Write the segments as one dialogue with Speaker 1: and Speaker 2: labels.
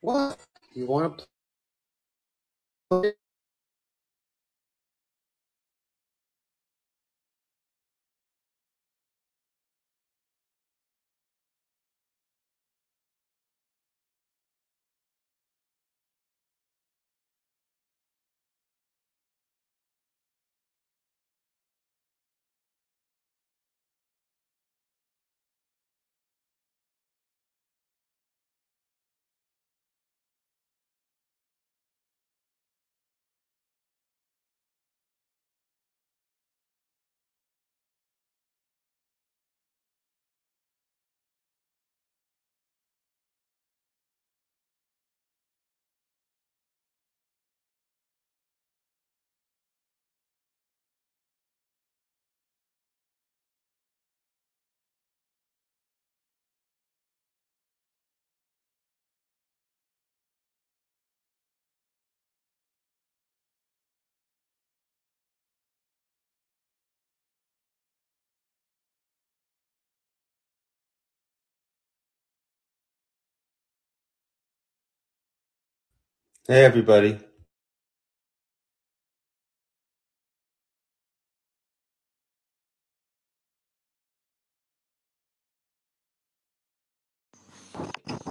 Speaker 1: What? You want to play? Hey, everybody.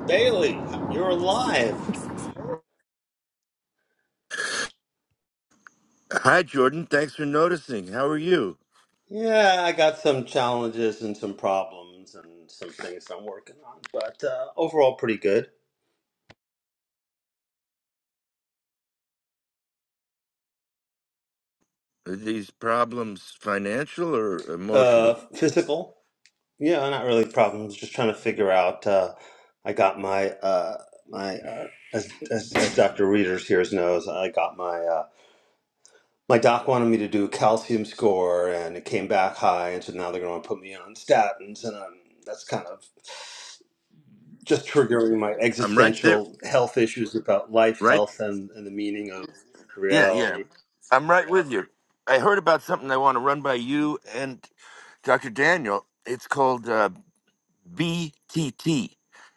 Speaker 1: Bailey, you're alive.
Speaker 2: Hi, Jordan. Thanks for noticing. How are you?
Speaker 1: Yeah, I got some challenges and some problems and some things I'm working on, but uh, overall pretty good.
Speaker 2: Are these problems financial or
Speaker 1: Uh,
Speaker 2: emotional?
Speaker 1: physical, yeah, not really problems. Just trying to figure out. Uh, I got my uh, my uh, as, as as Dr. Readers here knows, I got my uh, my doc wanted me to do a calcium score, and it came back high, and so now they're going to put me on statins, and um, that's kind of just triggering my
Speaker 2: I'm right there.
Speaker 1: existential health issues about life,
Speaker 2: Right?
Speaker 1: health, and, and the meaning of
Speaker 2: Yeah, yeah.
Speaker 1: reality.
Speaker 2: I'm right with you. I heard about something I want to run by you and Dr. Daniel. It's called uh, BTT,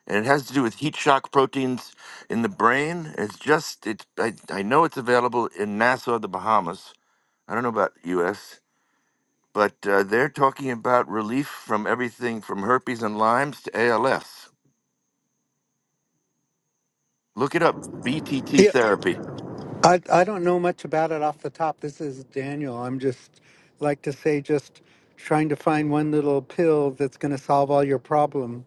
Speaker 2: and it has to do with heat shock proteins in the brain. It's just, it's, I, I know it's available in Nassau, the Bahamas. I don't know about U.S. but uh, they're talking about relief from everything from herpes and Lyme's to ALS. Look it up, BTT
Speaker 3: Yeah,
Speaker 2: therapy.
Speaker 3: I I don't know much about it off the top. This is Daniel. I'm just like to say just trying to find one little pill that's going to solve all your problem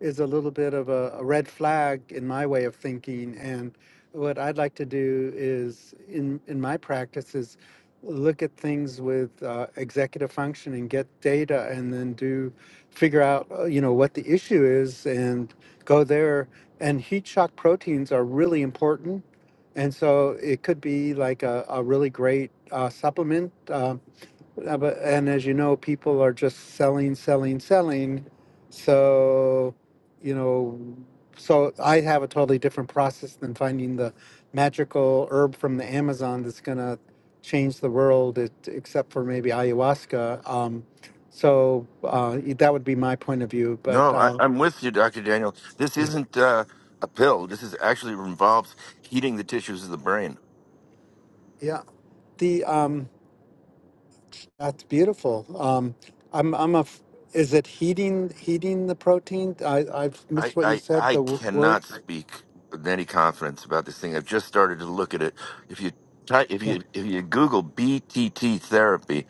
Speaker 3: is a little bit of a, a red flag in my way of thinking and what I'd like to do is in in my practice is look at things with uh, executive function and get data and then do figure out uh, you know what the issue is and go there and heat shock proteins are really important and so it could be like a, a really great uh, supplement. Um, uh, but, and as you know, people are just selling, selling, selling. So, you know, so I have a totally different process than finding the magical herb from the Amazon that's going to change the world, it, except for maybe ayahuasca. Um, so uh, that would be my point of view. But
Speaker 2: No, I,
Speaker 3: uh,
Speaker 2: I'm with you, Dr. Daniel. This
Speaker 3: yeah,
Speaker 2: isn't uh, a pill. This is actually involves heating the tissues of the brain.
Speaker 3: yeah. The um, That's beautiful. Um, I'm I'm a. f- Is it heating heating the protein? I I've
Speaker 2: I,
Speaker 3: missed what you
Speaker 2: I,
Speaker 3: said.
Speaker 2: I
Speaker 3: The w- word.
Speaker 2: cannot speak with any confidence about this thing. I've just started to look at it. If you ty- if
Speaker 3: Yeah,
Speaker 2: you if you Google BTT therapy,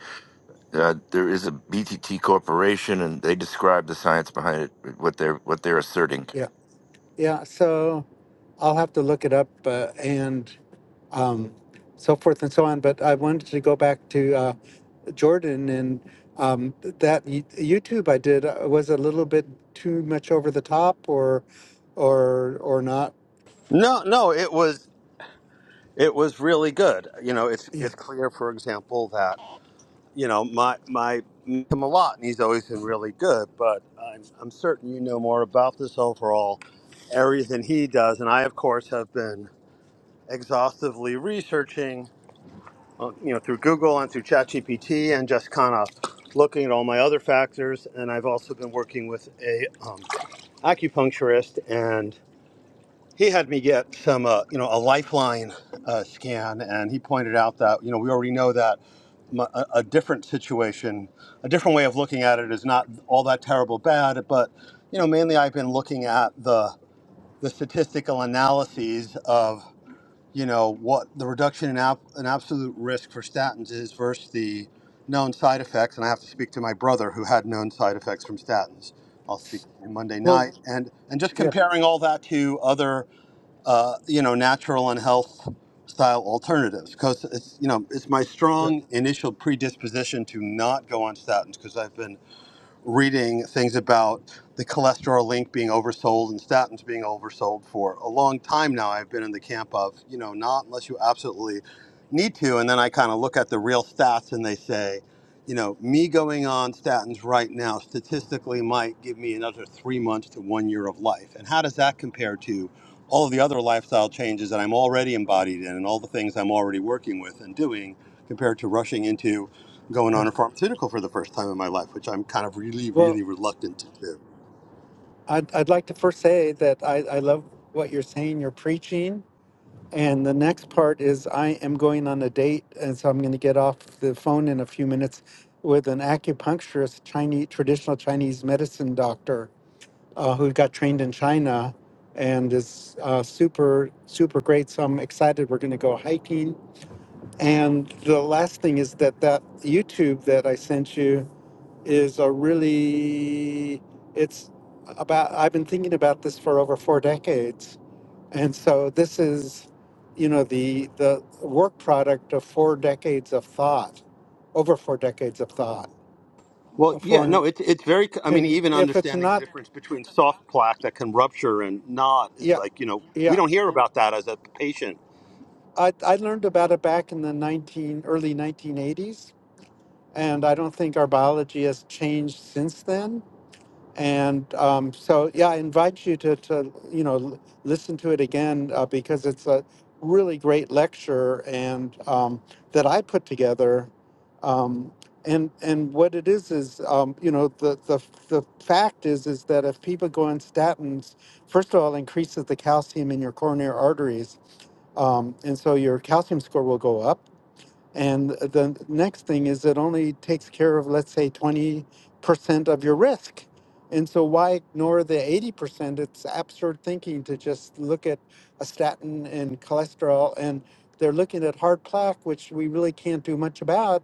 Speaker 2: uh, there is a BTT corporation, and they describe the science behind it, what they're what they're asserting.
Speaker 3: yeah, yeah. So I'll have to look it up uh, and um, so forth and so on. But I wanted to go back to uh, Jordan and um, that y- YouTube I did uh, was a little bit too much over the top, or or or not.
Speaker 1: No, no, it was it was really good. You know, it's
Speaker 3: Yeah.
Speaker 1: it's clear, for example, that you know my my meet him a lot, and he's always been really good. But I'm I'm certain you know more about this overall area than he does, and I, of course, have been exhaustively researching uh, you know, through Google and through ChatGPT and just kind of looking at all my other factors. And I've also been working with a um, acupuncturist, and he had me get some, uh, you know, a Lifeline uh, scan, and he pointed out that you know we already know that m- a, a different situation, a different way of looking at it is not all that terrible bad, but you know, mainly I've been looking at the the statistical analyses of you know what the reduction in, ab- in absolute risk for statins is versus the known side effects and i have to speak to my brother who had known side effects from statins i'll speak to him monday
Speaker 3: Well,
Speaker 1: night and and just
Speaker 3: yeah,
Speaker 1: comparing all that to other uh, you know natural and health style alternatives because it's you know it's my
Speaker 3: yeah.
Speaker 1: strong initial predisposition to not go on statins because i've been reading things about the cholesterol link being oversold and statins being oversold for a long time now. I've been in the camp of, you know, not unless you absolutely need to. And then I kind of look at the real stats and they say, you know, me going on statins right now statistically might give me another three months to one year of life. And how does that compare to all of the other lifestyle changes that I'm already embodied in and all the things I'm already working with and doing compared to rushing into going
Speaker 3: yeah.
Speaker 1: on a pharmaceutical for the first time in my life, which I'm kind of really,
Speaker 3: Well,
Speaker 1: really reluctant to do?
Speaker 3: I'd, I'd like to first say that I, I love what you're saying, you're preaching. And the next part is I am going on a date, and so I'm going to get off the phone in a few minutes with an acupuncturist, Chinese traditional Chinese medicine doctor uh, who got trained in China and is uh, super super great. So I'm excited. We're going to go hiking. And the last thing is that that YouTube that I sent you is a really it's about I've been thinking about this for over four decades. And so this is, you know, the the work product of four decades of thought, over four decades of thought.
Speaker 1: Well, yeah,
Speaker 3: For
Speaker 1: no, it's it's very. I mean,
Speaker 3: and
Speaker 1: even
Speaker 3: if it's
Speaker 1: understanding the
Speaker 3: not
Speaker 1: difference between soft plaque that can rupture and not is
Speaker 3: yeah,
Speaker 1: like you know we
Speaker 3: yeah.
Speaker 1: don't hear about that as a patient
Speaker 3: I, I learned about it back in the 19 early 1980s and I don't think our biology has changed since then And um, so, yeah, I invite you to, to you know, l- listen to it again uh, because it's a really great lecture and um, that I put together. Um, and and what it is is, um, you know, the, the the fact is is that if people go on statins, first of all, it increases the calcium in your coronary arteries, um, and so your calcium score will go up and the next thing is it only takes care of, let's say, 20% of your risk. And so why ignore the 80%? It's absurd thinking to just look at a statin and cholesterol, and they're looking at hard plaque, which we really can't do much about.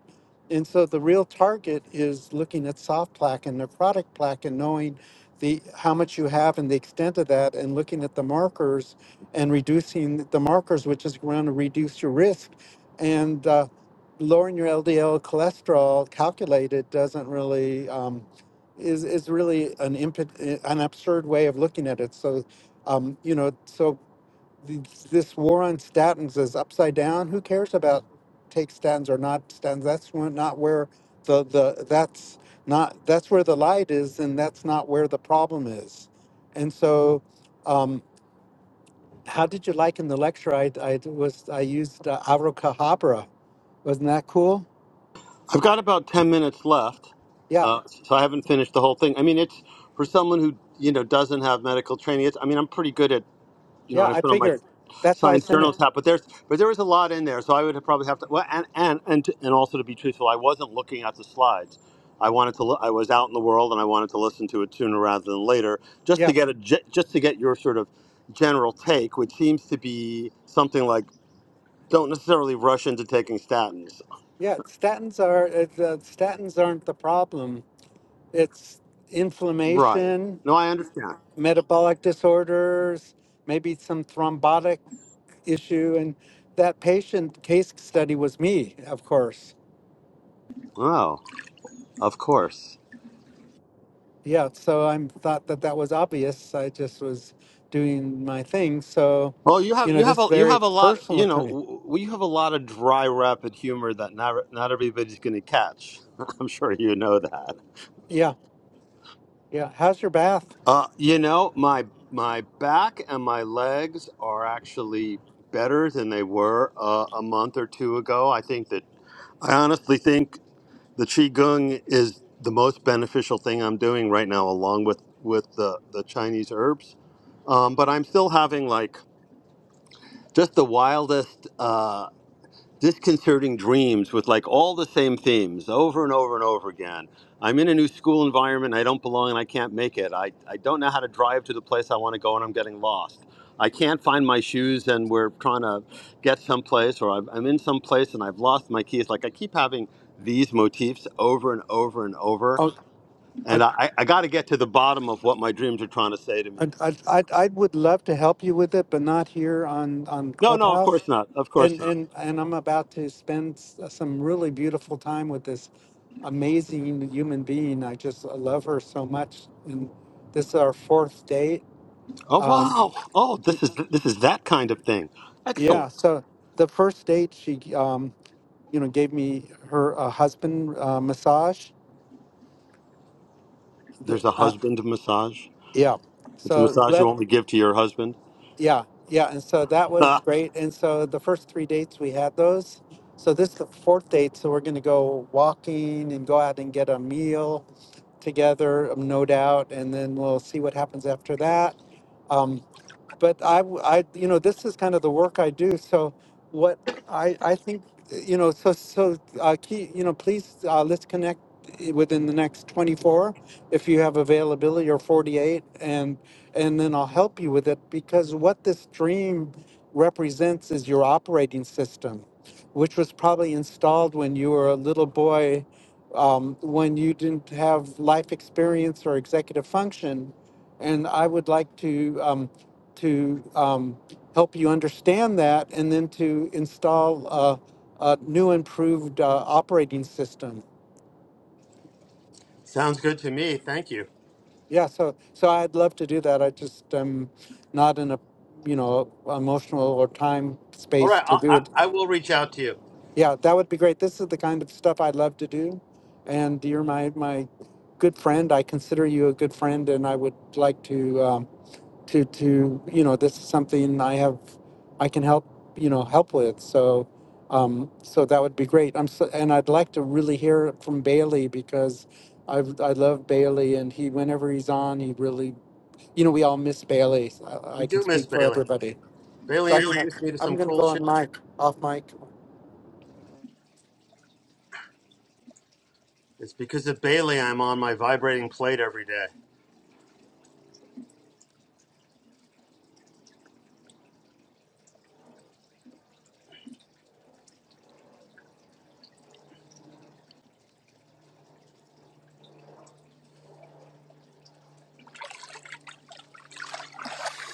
Speaker 3: And so the real target is looking at soft plaque and necrotic plaque and knowing the how much you have and the extent of that and looking at the markers and reducing the markers, which is going to reduce your risk. And uh, lowering your LDL cholesterol calculated doesn't really um, is is really an impet, an absurd way of looking at it. So, um, you know, so th- this war on statins is upside down. Who cares about take statins or not statins? That's where- not where the the that's not that's where the light is, and that's not where the problem is. And so. Um, how did you like in the lecture? I, I was I used uh, Avro Cadabra. Wasn't that cool?
Speaker 1: I've got about 10 minutes left,
Speaker 3: Yeah.
Speaker 1: uh, so I haven't finished the whole thing. I mean, it's for someone who, you know, doesn't have medical training. It's, I mean, I'm pretty good at, you know,
Speaker 3: Yeah,
Speaker 1: and I
Speaker 3: I
Speaker 1: put on my
Speaker 3: figured. That's why I
Speaker 1: science
Speaker 3: sent it.
Speaker 1: journals hat, but there's, but there was a lot in there. So I would probably have to, well, and, and, and, to, and also to be truthful, I wasn't looking at the slides. I wanted to, look, I was out in the world and I wanted to listen to it sooner rather than later, just to
Speaker 3: Yeah,
Speaker 1: get a, ge- just to get your sort of general take, which seems to be something like, don't necessarily rush into taking statins.
Speaker 3: yeah. Statins are it's, uh, statins aren't the problem. It's
Speaker 1: Right.
Speaker 3: inflammation,
Speaker 1: No, I understand.
Speaker 3: metabolic disorders, maybe some thrombotic issue, and that patient case study was me, of course.
Speaker 1: Oh, of course.
Speaker 3: Yeah, so I thought that that was obvious. I just was doing my thing. So,
Speaker 1: Well, you
Speaker 3: you
Speaker 1: have
Speaker 3: know,
Speaker 1: you
Speaker 3: this
Speaker 1: have
Speaker 3: is
Speaker 1: a you
Speaker 3: very
Speaker 1: have a lot.
Speaker 3: personal
Speaker 1: You
Speaker 3: to
Speaker 1: know,
Speaker 3: me.
Speaker 1: w- w- have a lot of dry, rapid humor that not not everybody's going to catch. I'm sure you know that.
Speaker 3: Yeah, yeah. How's your bath?
Speaker 1: Uh, you know, my my back and my legs are actually better than they were uh, a month or two ago. I think that I honestly think the qigong is the most beneficial thing I'm doing right now, along with with the the Chinese herbs. Um, but I'm still having like just the wildest. Uh, disconcerting dreams with like all the same themes over and over and over again. I'm in a new school environment. I don't belong and I can't make it. I, I don't know how to drive to the place I want to go and I'm getting lost. I can't find my shoes and we're trying to get someplace or I'm I'm in some place and I've lost my keys. Like I keep having these motifs over and over and over.
Speaker 3: Oh, I
Speaker 1: And I, I got to get to the bottom of what my dreams are trying to say to
Speaker 3: I,
Speaker 1: me.
Speaker 3: I, I, I would love to help you with it, but not here on, on
Speaker 1: No, no, of
Speaker 3: Clubhouse.
Speaker 1: course not. Of course
Speaker 3: And,
Speaker 1: not.
Speaker 3: and, and I'm about to spend s- some really beautiful time with this amazing human being. I just I love her so much. And this is our fourth date.
Speaker 1: Oh,
Speaker 3: Um,
Speaker 1: wow. Oh,
Speaker 3: y-
Speaker 1: this is, this is that kind of thing.
Speaker 3: yeah.
Speaker 1: Excellent.
Speaker 3: So the first date, she, um, you know, gave me her uh, husband uh, massage. The,
Speaker 1: There's a
Speaker 3: uh,
Speaker 1: husband massage.
Speaker 3: yeah.
Speaker 1: It's a
Speaker 3: So
Speaker 1: massage you only give to your husband.
Speaker 3: Yeah, yeah, and so that was great. And so the first three dates we had those. So this is the fourth date, so we're gonna go walking and go out and get a meal together, um, no doubt, and then we'll see what happens after that. Um, but I, w- I- you know, this is kind of the work I do. So what I, I think, you know, so, so, uh, key, you know, please, uh, let's connect i- within the next 24 if you have availability or 48 and, and then I'll help you with it because what this dream represents is your operating system, which was probably installed when you were a little boy, um, when you didn't have life experience or executive function. And I would like to, um, to um, help you understand that and then to install a, a new improved uh, operating system.
Speaker 1: Sounds good to me. Thank you.
Speaker 3: Yeah, so so I'd love to do that. I just am not in a you know emotional or time
Speaker 1: All
Speaker 3: space
Speaker 1: right,
Speaker 3: to
Speaker 1: I,
Speaker 3: do
Speaker 1: I,
Speaker 3: it.
Speaker 1: I will reach out to you.
Speaker 3: Yeah, that would be great. This is the kind of stuff I'd love to do, and you're my my good friend. I consider you a good friend, and I would like to. um, to to you know this is something I have I can help you know help with so um, so that would be great I'm so, and I'd like to really hear from Bailey because I I love Bailey and he whenever he's on he really you know we all miss Bailey So I, I
Speaker 1: We
Speaker 3: can
Speaker 1: do miss
Speaker 3: speak for
Speaker 1: Bailey.
Speaker 3: everybody so
Speaker 1: Bailey
Speaker 3: I'm gonna
Speaker 1: introduced me to
Speaker 3: I'm
Speaker 1: some
Speaker 3: gonna
Speaker 1: cool
Speaker 3: go
Speaker 1: shit.
Speaker 3: on mic off mic
Speaker 1: It's because of Bailey I'm on my vibrating plate every day.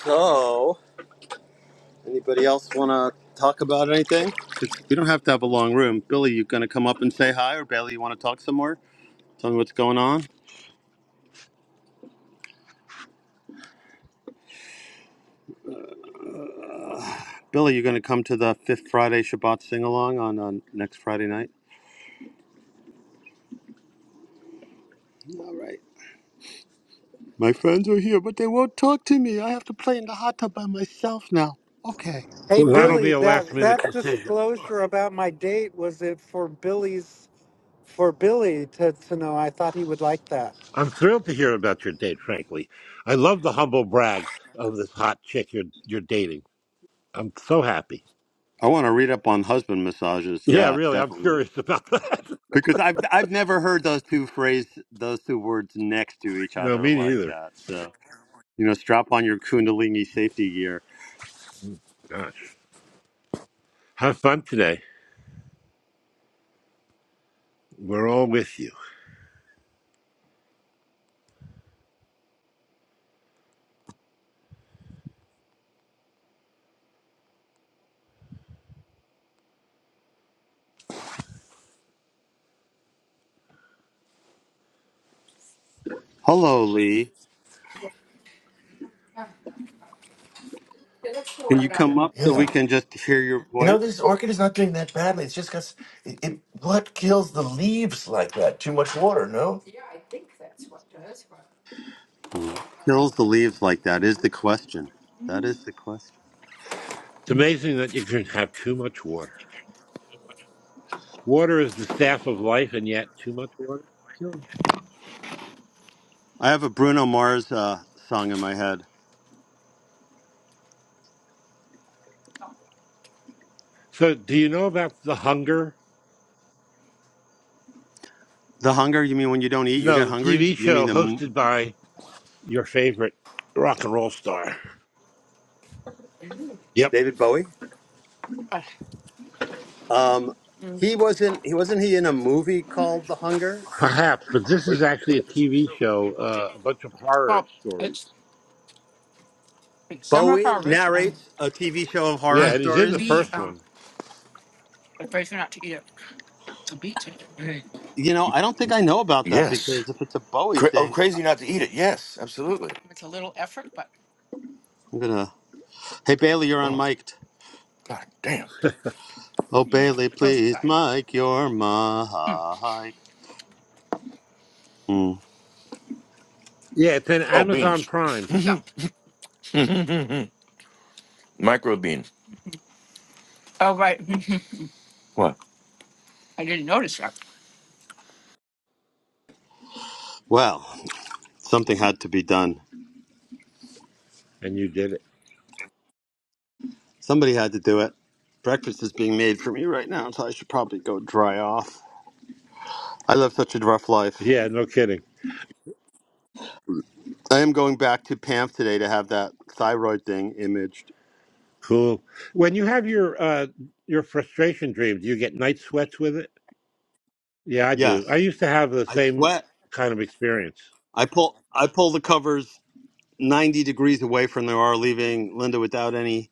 Speaker 1: So, anybody else want to talk about anything? 'Cause we don't have to have a long room. Billy, you going to come up and say hi, or Bailey, you want to talk some more? Tell me what's going on. Billy, you going to come to the Fifth Friday Shabbat sing along on, on next Friday night? All right. My friends are here, but they won't talk to me. I have to play in the hot tub by myself now. Okay,
Speaker 3: hey
Speaker 4: Well, that'll
Speaker 1: fine.
Speaker 4: be
Speaker 3: Billy
Speaker 4: a last
Speaker 3: that
Speaker 4: minute
Speaker 3: that
Speaker 4: decision.
Speaker 3: disclosure about my date was it for Billy's for Billy to to know I thought he would like that
Speaker 4: I'm thrilled to hear about your date, frankly. I love the humble brag of this hot chick you're, you're dating. I'm so happy.
Speaker 1: I want to read up on husband massages.
Speaker 4: Yeah,
Speaker 1: Yeah,
Speaker 4: really, I'm
Speaker 1: definitely.
Speaker 4: curious about that.
Speaker 1: Because I've I've never heard those two phrase those two words next to each
Speaker 4: no,
Speaker 1: other
Speaker 4: me
Speaker 1: like
Speaker 4: neither.
Speaker 1: that. So you know, strap on your Kundalini safety gear.
Speaker 4: Gosh. Have fun today. We're all with you.
Speaker 1: Hello, Lee. Can you come up so we
Speaker 2: Yeah.
Speaker 1: can just hear your
Speaker 2: You know, this
Speaker 1: voice?
Speaker 2: orchid is not doing that badly. It's just because it, it, what kills the leaves like that? Too much water, no?
Speaker 1: What kills the leaves like that is the question. That is the question.
Speaker 4: It's amazing that you can have too much water. Water is the staff of life, and yet too much water can kill you.
Speaker 1: I have a Bruno Mars uh, song in my head.
Speaker 4: So, do you know about The Hunger?
Speaker 1: The hunger? You mean when you don't eat,
Speaker 4: You
Speaker 1: you get
Speaker 4: know, the
Speaker 1: hungry?
Speaker 4: TV
Speaker 1: You mean
Speaker 4: show
Speaker 1: the
Speaker 4: hosted
Speaker 1: m-
Speaker 4: by your favorite rock and roll star. Yep.
Speaker 1: David Bowie? Um, he wasn't. He wasn't he in a movie called The Hunger?
Speaker 4: Perhaps, but this
Speaker 1: Where
Speaker 4: is actually a TV show, uh, a bunch of horror
Speaker 2: Well,
Speaker 4: stories.
Speaker 2: it's it's summer
Speaker 1: Bowie
Speaker 2: harvest, and
Speaker 1: narrates a TV show of horror
Speaker 4: Yeah, and he's in the
Speaker 1: stories.
Speaker 2: we
Speaker 4: first
Speaker 2: um
Speaker 4: one.
Speaker 2: advise you not to eat it. The beets are big.
Speaker 1: You know, I don't think I know about that
Speaker 2: Yes.
Speaker 1: because if it's a Bowie
Speaker 2: Cra- oh,
Speaker 1: thing,
Speaker 2: crazy not to eat it. Yes, absolutely. It's a little effort, but
Speaker 1: I'm gonna. Hey Bailey, you're on
Speaker 2: Oh,
Speaker 1: mic'd.
Speaker 2: god damn.
Speaker 1: Oh
Speaker 2: you just
Speaker 1: Bailey,
Speaker 2: put those
Speaker 1: please
Speaker 2: aside.
Speaker 1: mic your
Speaker 2: Mm.
Speaker 1: mic. Mm.
Speaker 4: Yeah, it's in
Speaker 2: Oh,
Speaker 4: Amazon
Speaker 2: beans.
Speaker 4: Prime,
Speaker 2: Yeah. Micro beans. Oh right, What? I didn't notice that.
Speaker 1: Well, something had to be done.
Speaker 4: and you did it.
Speaker 1: Somebody had to do it. Breakfast is being made for me right now, so I should probably go dry off. I live such a rough life.
Speaker 4: Yeah, no kidding.
Speaker 1: I am going back to Pam today to have that thyroid thing imaged.
Speaker 4: Cool. When you have your uh, your frustration dream, do you get night sweats with it? Yeah, I do.
Speaker 1: Yes,
Speaker 4: I used to have the
Speaker 1: I
Speaker 4: same
Speaker 1: sweat.
Speaker 4: kind of experience.
Speaker 1: I pull. I pull the covers ninety degrees away from the R, leaving Linda without any.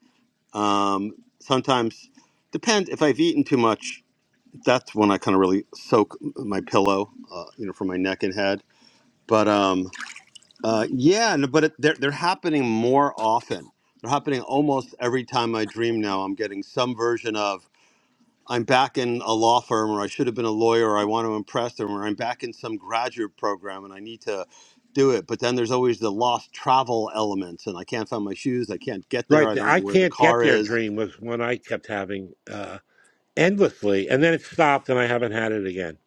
Speaker 1: Um, sometimes depend if I've eaten too much. That's when I kind of really soak my pillow, uh, you know, for my neck and head. But um, uh, yeah, no, but it, they're they're happening more often. They're happening almost every time I dream now. I'm getting some version of. I'm back in a law firm, or I should have been a lawyer, or I want to impress them, or I'm back in some graduate program and I need to do it. But then there's always the lost travel elements, and I can't find my shoes, I can't get there,
Speaker 4: Right,
Speaker 1: I
Speaker 4: the
Speaker 1: don't know
Speaker 4: I
Speaker 1: where the
Speaker 4: can't get
Speaker 1: car
Speaker 4: there
Speaker 1: is.
Speaker 4: dream was one I kept having uh, endlessly, and then it stopped, and I haven't had it again.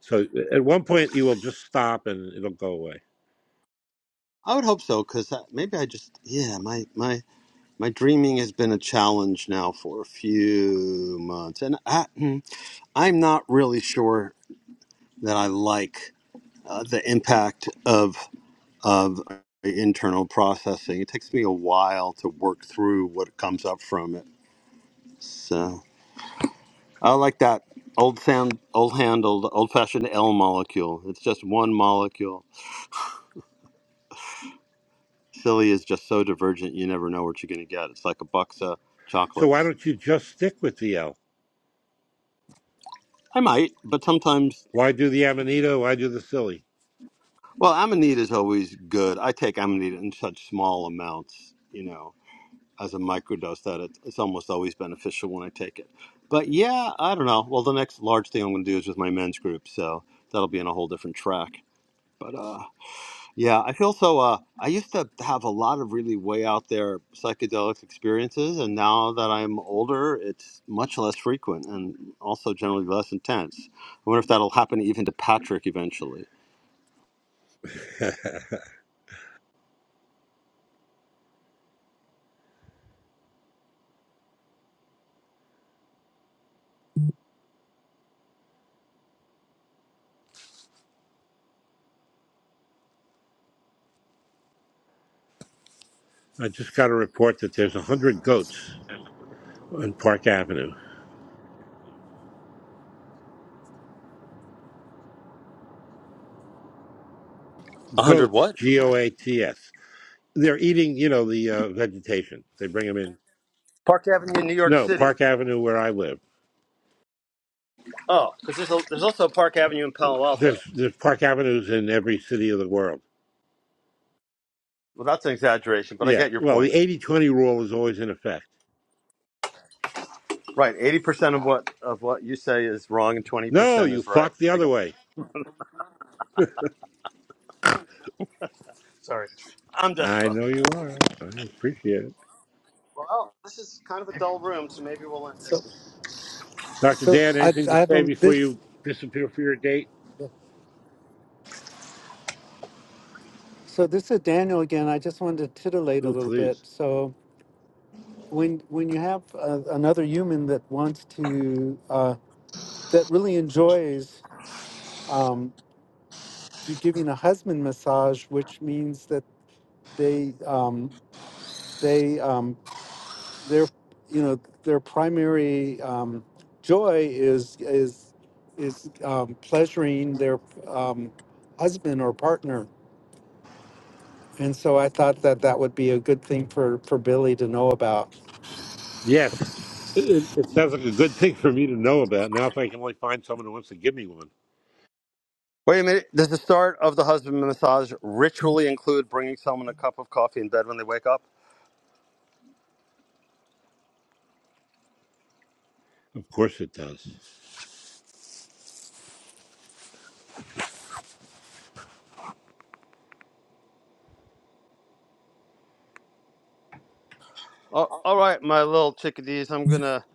Speaker 4: So at one point, you will just stop, and it'll go away.
Speaker 1: I would hope so, because maybe I just, yeah, my, my, my dreaming has been a challenge now for a few months. And I, mm, I'm not really sure that I like uh, the impact of. of uh, internal processing. It takes me a while to work through what comes up from it. So I like that old sound, old handled, old fashioned L molecule. It's just one molecule. Silly is just so divergent, you never know what you're going to get. It's like a box of
Speaker 4: So why
Speaker 1: chocolates.
Speaker 4: don't you just stick with the L?
Speaker 1: I might, but sometimes,
Speaker 4: Why do the Amanita? Why do the silly?
Speaker 1: well, amanita is always good. I take amanita in such small amounts, you know as a microdose that it, it's almost always beneficial when I take it. But yeah, I don't know. Well, the next large thing I'm going to do is with my men's group, so that'll be on a whole different track. But uh, yeah, I feel so. Uh, I used to have a lot of really way out there psychedelic experiences, and now that I'm older, it's much less frequent and also generally less intense. I wonder if that'll happen even to Patrick eventually.
Speaker 4: I just got a report that there's 100 goats on Park Avenue.
Speaker 1: 100
Speaker 4: Goats,
Speaker 1: what?
Speaker 4: G-O-A-T-S. They're eating, you know, the uh, vegetation. They bring them in.
Speaker 1: Park Avenue in New York
Speaker 4: No,
Speaker 1: City.
Speaker 4: Park Avenue where I live.
Speaker 1: Oh, because there's, a- there's also Park Avenue in Palo Alto.
Speaker 4: There's there's Park Avenues in every city of the world.
Speaker 1: Well, that's an exaggeration, but I
Speaker 4: Yeah.
Speaker 1: get your
Speaker 4: Well,
Speaker 1: point.
Speaker 4: the eighty twenty rule is always in effect.
Speaker 1: Right, eighty percent of what of what you say is wrong, and twenty
Speaker 4: No,
Speaker 1: percent
Speaker 4: you
Speaker 1: is right.
Speaker 4: fuck the
Speaker 1: I
Speaker 4: other
Speaker 1: got it.
Speaker 4: way.
Speaker 1: Sorry, I'm just
Speaker 4: I know
Speaker 1: fucking with
Speaker 4: you
Speaker 1: you.
Speaker 4: are. I appreciate it.
Speaker 1: Well, this is kind of a dull room, so maybe we'll end it.
Speaker 3: so.
Speaker 4: Dr.
Speaker 3: So
Speaker 4: Dan,
Speaker 3: I,
Speaker 4: anything to
Speaker 3: I have
Speaker 4: say
Speaker 3: um,
Speaker 4: before
Speaker 3: this.
Speaker 4: you disappear for your date?
Speaker 3: So this is Daniel again. I just wanted to titillate a
Speaker 4: Oh,
Speaker 3: little
Speaker 4: please.
Speaker 3: bit. So when when you have uh, another human that wants to uh, that really enjoys um, to giving a husband massage, which means that they um, they um, their you know their primary um, joy is is is um, pleasuring their um, husband or partner And so I thought that that would be a good thing for, for Billy to know about.
Speaker 4: Yes, it, it it sounds like a good thing for me to know about. Now, if I can only find someone who wants to give me one,
Speaker 1: Wait a minute. Does the start of the husband massage ritually include bringing someone a cup of coffee in bed when they wake up?
Speaker 4: of course it does.
Speaker 1: Oh, all right, my little chickadees. I'm gonna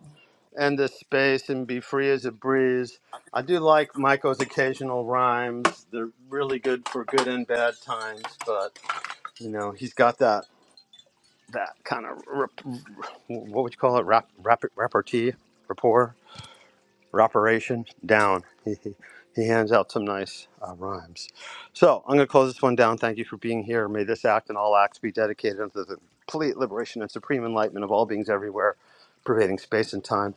Speaker 1: end this space and be free as a breeze. I do like Michael's occasional rhymes. They're really good for good and bad times, but you know he's got that that kind of rep- what would you call it? Rap, rap, repartee, rapport, rapparation down. He, he, he hands out some nice uh, rhymes. So I'm going to close this one down. Thank you for being here. May this act and all acts be dedicated unto the complete liberation and supreme enlightenment of all beings everywhere, pervading space and time.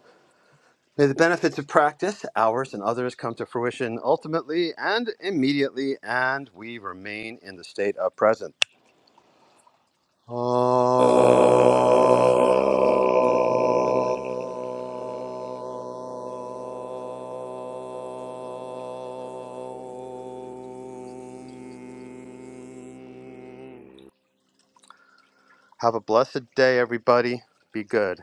Speaker 1: May the benefits of practice, ours and others, come to fruition ultimately and immediately, and we remain in the state of presence. Om.
Speaker 4: Uh...
Speaker 1: Have a blessed day, everybody. Be good.